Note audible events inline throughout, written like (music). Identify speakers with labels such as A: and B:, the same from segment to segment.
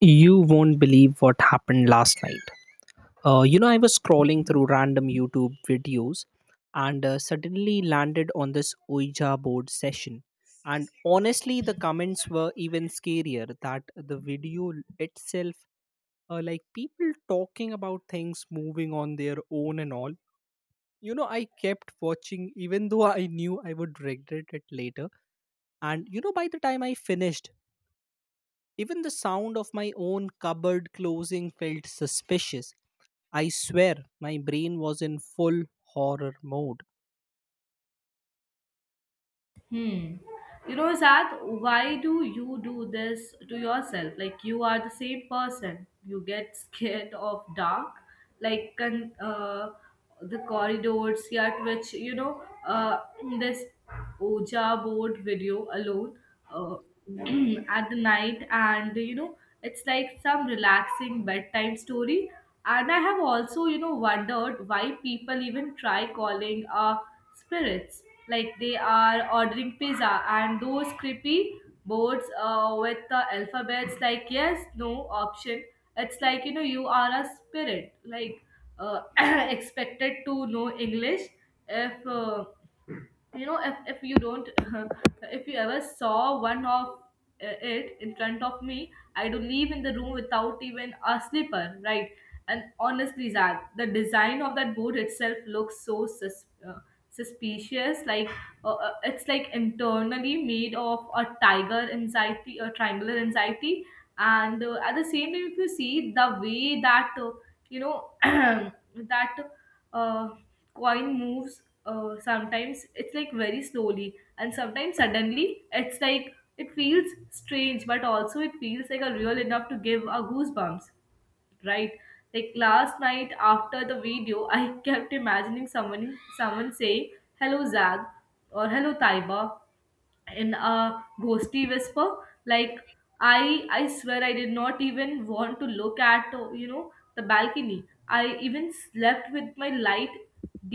A: You won't believe what happened last night. I was scrolling through random YouTube videos and suddenly landed on this Ouija board session. And honestly, the comments were even scarier that the video itself, like people talking about things moving on their own and all. You know, I kept watching even though I knew I would regret it later. And you know, by the time I finished, even the sound of my own cupboard closing felt suspicious. I swear my brain was in full horror mode.
B: Hmm. You know, Zad, why do you do this to yourself? Like, you are the same person. You get (laughs) scared of dark, like the corridors, yet which, this Oja board video alone uh, (clears throat) at the night, and it's like some relaxing bedtime story. And I have also, wondered why people even try calling a spirits like they are ordering pizza and those creepy boards with the alphabets like yes no option. It's like you are a spirit, like uh, (clears throat) expected to know English. If if you don't, (laughs) if you ever saw one of it in front of me, I do leave in the room without even a slipper, right? And honestly, Zach, the design of that boot itself looks so suspicious, like it's like internally made of a tiger anxiety, a triangular anxiety. And at the same time, if you see the way that you know (clears throat) that uh, coin moves, sometimes it's like very slowly and sometimes suddenly, it's like it feels strange, but also it feels like a real enough to give a goosebumps, right? Like last night after the video, (laughs) I kept imagining someone saying hello Zag or hello Taiba in a ghosty whisper. Like I swear, I did not even want to look at the balcony. I even slept with my light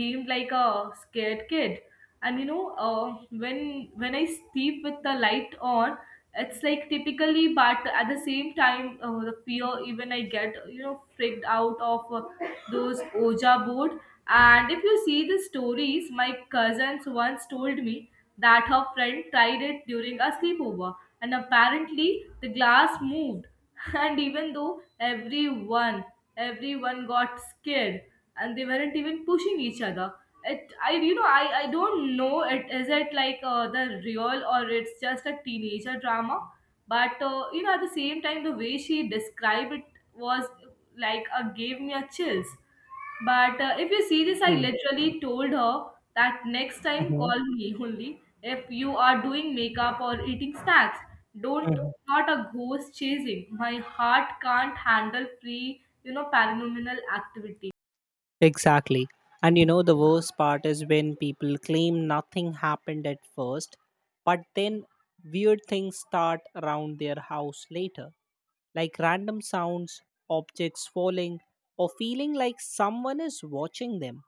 B: dimmed like a scared kid. And when I sleep with the light on, it's like typically, but at the same time, the fear, even I get freaked out of those oja board. And if you see the stories my cousins once told me that her friend tried it during a sleepover, and apparently the glass moved. (laughs) And even though everyone got scared, and they weren't even pushing each other. It, I, you know, I don't know. It is it like the real or it's just a teenager drama. But at the same time, the way she described it was like gave me a chills. But if you see this, I literally told her that next time
A: Mm-hmm.
B: call me only if you are doing makeup or eating snacks. Don't,
A: Hmm.
B: not a ghost chasing. My heart can't handle free, paranormal activity.
A: Exactly. And you know, the worst part is when people claim nothing happened at first, but then weird things start around their house later, like random sounds, objects falling, or feeling like someone is watching them.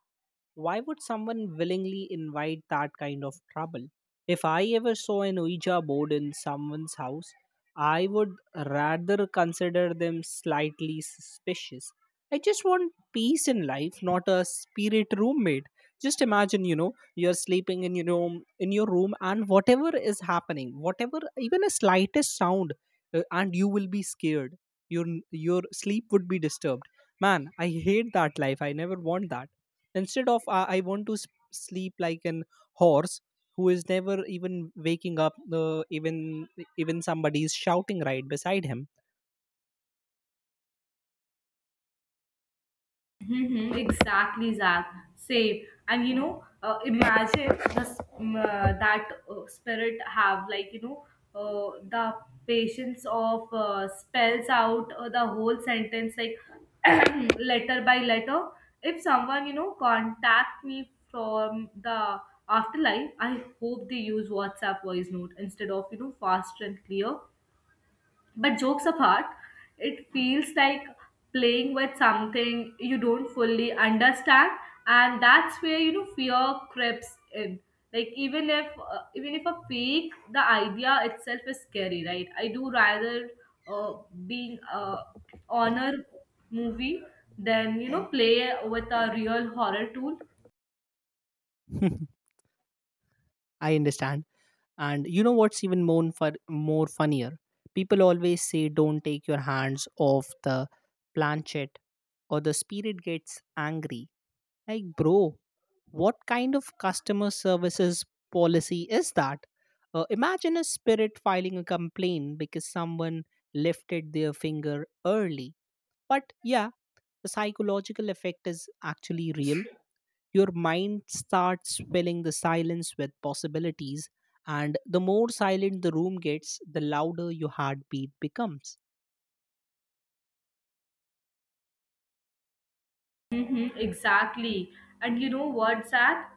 A: Why would someone willingly invite that kind of trouble? If I ever saw an Ouija board in someone's house, I would rather consider them slightly suspicious. I just want peace in life, not a spirit roommate. Just imagine, you know, you're sleeping in your room, and whatever is happening, whatever, even a slightest sound, and you will be scared. Your your sleep would be disturbed. Man, I hate that life. I never want that instead of I want to sleep like an horse who is never even waking up, even even somebody is shouting right beside him.
B: Mm-hmm, exactly, Zach. Same. And imagine that spirit have, like the patience of spells out the whole sentence, like (clears throat) letter by letter. If someone you know contact me from the afterlife, I hope they use WhatsApp voice note instead of faster and clear. But jokes apart, it feels like playing with something you don't fully understand, and that's where fear creeps in. Like even if a fake, the idea itself is scary, right? I do rather uh, being a honor movie than play with a real horror tool.
A: (laughs) I understand. And you know what's even more for more funnier? People always say don't take your hands off the planchet or the spirit gets angry. Like, bro, what kind of customer services policy is that? Imagine a spirit filing a complaint because someone lifted their finger early. But yeah, the psychological effect is actually real. Your mind starts filling the silence with possibilities, and the more silent the room gets, the louder your heartbeat becomes.
B: Mm-hmm, exactly. And you know what's that?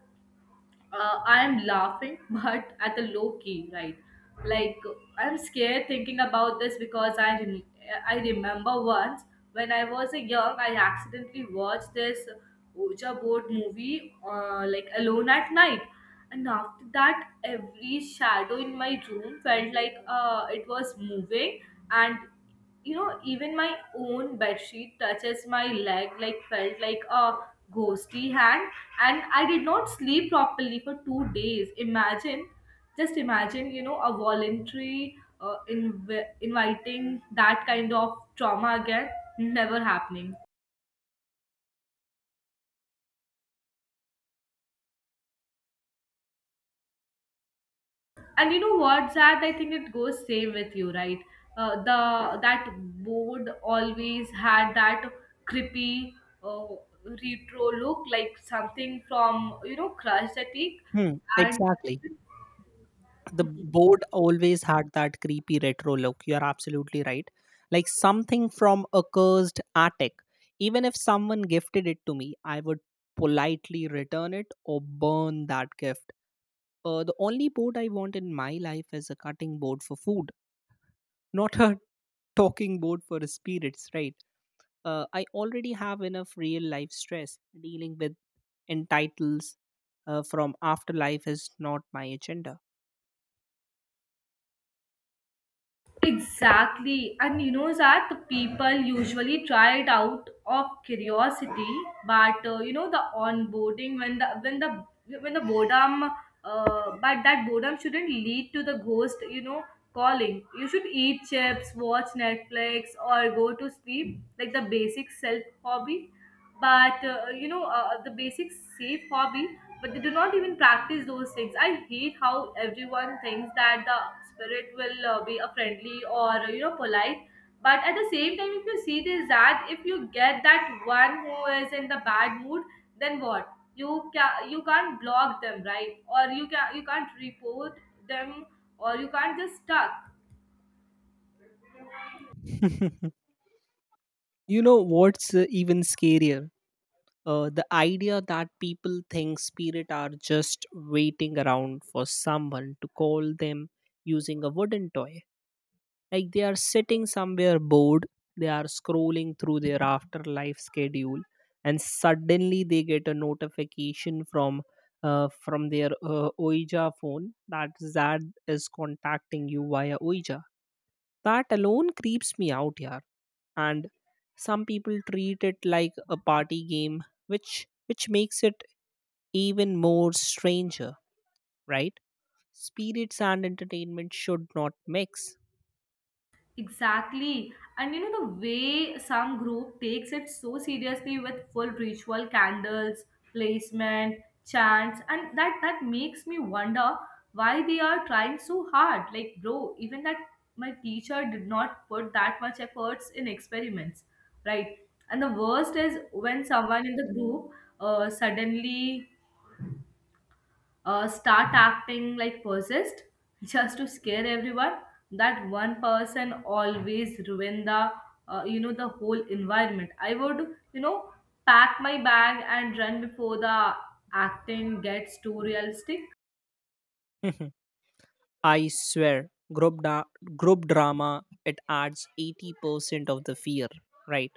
B: I'm laughing, (laughs) but at a low key, right? Like I'm scared thinking about this because I remember once when I was a young, I accidentally watched this Ouija board movie, like alone at night, and after that, every shadow in my room felt like it was moving, and even my own bedsheet touches my leg, like felt like a ghostly hand. And I did not sleep properly for 2 days. Imagine, just imagine, a voluntary inviting that kind of trauma again. Never happening. And you know what, Zad? I think it goes same with you, right? The That board always had that creepy uh, retro look, like something from Crush the Teak,
A: Hmm,
B: and
A: exactly. The
B: (laughs)
A: board always had that creepy retro look. You're absolutely right. Like something from a cursed attic. Even if someone gifted it to me, I would politely return it or burn that gift. The only board I want in my life is a cutting board for food, not a (laughs) talking board for spirits, right? I already have enough real life stress. Dealing with entitles from afterlife is not my agenda.
B: Exactly. And you know that the people usually try it out of curiosity, but the onboarding when the boredom, but that boredom shouldn't lead to the ghost. You know, calling. You should eat chips, watch Netflix, or go to sleep, like the basic self hobby, but the basic safe hobby. But they do not even practice those things. I hate how everyone thinks that the spirit will be a friendly or polite. But at the same time, if you see this, that if you get that one who is in the bad mood, then what you can't block them, right? Or you can't report them, or you can't just stuck.
A: (laughs) You know what's even scarier? The idea that people think spirit are just waiting around for someone to call them using a wooden toy. Like they are sitting somewhere bored, they are scrolling through their afterlife schedule, and suddenly they get a notification from their Ouija phone that Zad is contacting you via Ouija. That alone creeps me out, yeah, and some people treat it like a party game, which makes it even more stranger, right? Spirits and entertainment should not mix.
B: Exactly. And you know, the way some group takes it so seriously with full ritual, candles, placement, chants, and that makes me wonder why they are trying so hard. Like, bro, even that, my teacher did not put that much efforts in experiments, right? And the worst is when someone in the group suddenly start acting like possessed, (laughs) just to scare everyone. That one person always ruin the the whole environment. I would, pack my bag and run before the acting gets too realistic.
A: (laughs) I swear group drama, it adds 80% of the fear, right?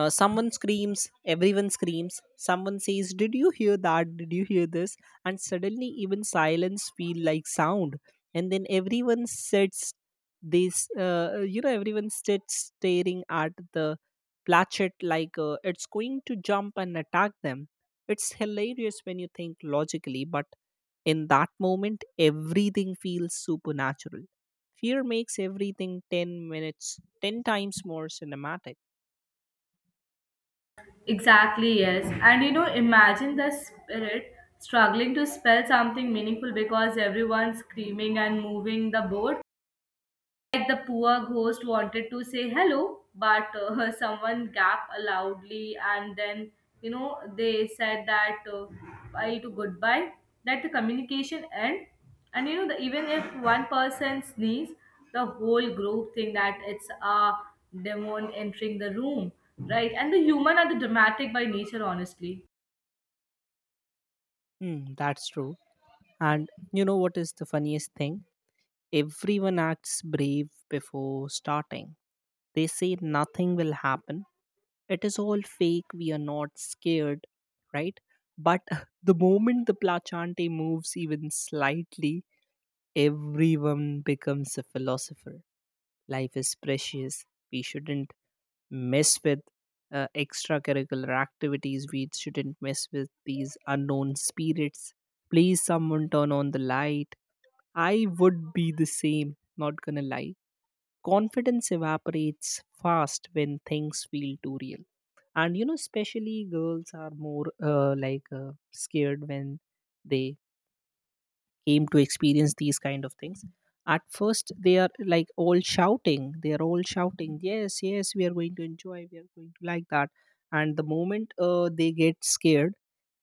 A: Someone screams, everyone screams. Someone says did you hear that, did you hear this, and suddenly even silence feel like sound. And then everyone sits, this you know everyone sits staring at the plachet like it's going to jump and attack them. It's hilarious when you think logically, but in that moment everything feels supernatural. Fear makes everything 10 minutes 10 times more cinematic.
B: Exactly, yes. And you know, imagine the spirit struggling to spell something meaningful because everyone's screaming and moving the board, like the poor ghost wanted to say hello, but (laughs) someone gaped loudly, and then they said that bye to goodbye, that the communication end, and even if one person sneeze, the whole group think that it's a demon entering the room, right? And the human are the dramatic by nature, honestly.
A: Hmm, that's true. And you know what is the funniest thing? Everyone acts brave before starting. They say nothing will happen. It is all fake. We are not scared, right? But (laughs) the moment the Plachante moves even slightly, everyone becomes a philosopher. Life is precious. We shouldn't mess with extracurricular activities. We shouldn't mess with these unknown spirits. Please, someone turn on the light. I would be the same, not gonna lie. Confidence evaporates fast when things feel too real. And you know, especially girls are more scared when they came to experience these kind of things. At first, they are like all shouting. They are all shouting, yes, yes, we are going to enjoy. We are going to like that. And the moment they get scared,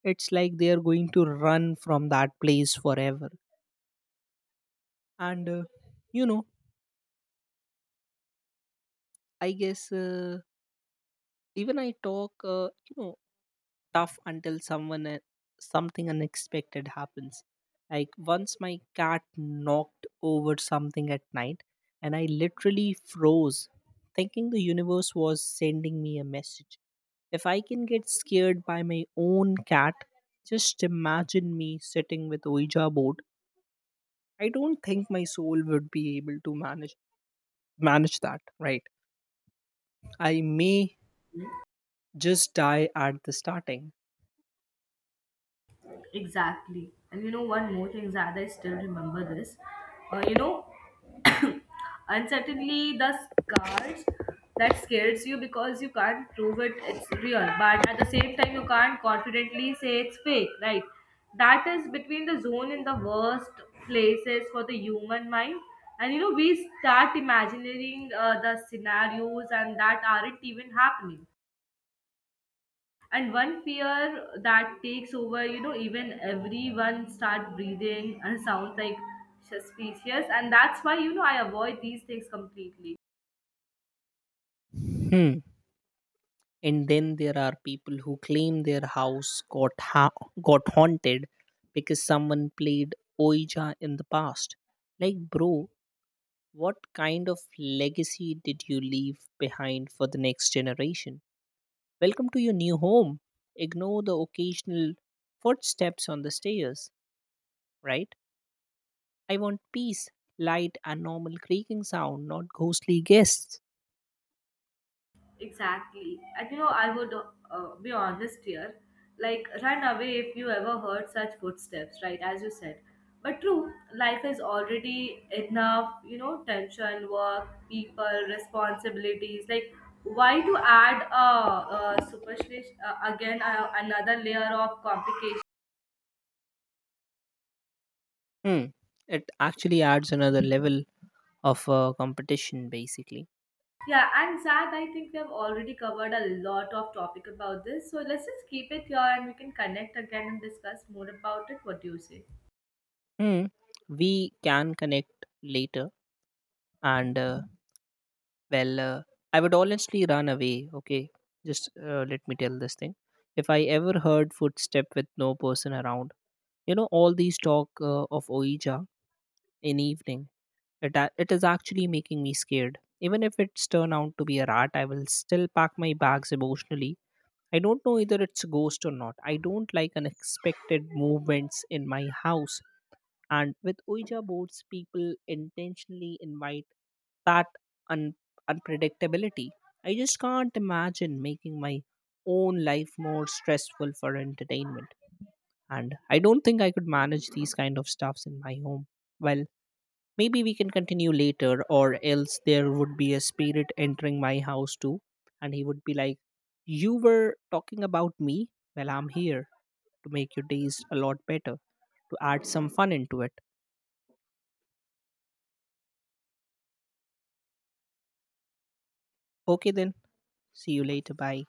A: it's like they are going to run from that place forever. And you know, I guess. Uh, even I talk, tough until someone something unexpected happens. Like once my cat knocked over something at night, and I literally froze, thinking the universe was sending me a message. If I can get scared by my own cat, just imagine me sitting with Ouija board. I don't think my soul would be able to manage that, right? I may just die at the starting.
B: Exactly. And you know, one more thing, Zad, I still remember this. Uh, you know, (coughs) uncertainly the scars that scares you because you can't prove it, it's real. But at the same time, you can't confidently say it's fake, right? That is between the zone and the worst places for the human mind. And you know, we start imagining the scenarios and that aren't even happening, and one fear that takes over, even everyone start breathing and sounds like suspicious, and that's why I avoid these things completely.
A: Hmm. And then there are people who claim their house got haunted because someone played Ouija in the past. Like, bro, what kind of legacy did you leave behind for the next generation? Welcome to your new home. Ignore the occasional footsteps on the stairs, right? I want peace, light, and normal creaking sound, not ghostly guests.
B: Exactly. And you know, I would be honest here. Like, run away if you ever heard such footsteps, right? As you said. But true, life is already enough, you know, tension, work, people, responsibilities. Like, why to add a superstition, again, another layer of complication?
A: Hmm. It actually adds another level of competition, basically.
B: Yeah, and Zad, I think we have already covered a lot of topic about this. So let's just keep it here and we can connect again and discuss more about it. What do you say?
A: Hmm. We can connect later. And well, uh, I would honestly run away. Okay, just let me tell this thing. If I ever heard footstep with no person around, you know, all these talk of Oija in evening, it is actually making me scared. Even if it's turn out to be a rat, I will still pack my bags emotionally. I don't know either it's a ghost or not. I don't like unexpected movements in my house. And with Ouija boards, people intentionally invite that un- unpredictability. I just can't imagine making my own life more stressful for entertainment. And I don't think I could manage these kind of stuffs in my home. Well, maybe we can continue later, or else there would be a spirit entering my house too. And he would be like, you were talking about me? Well, I'm here to make your days a lot better, to add some fun into it. Okay, then. See you later. Bye.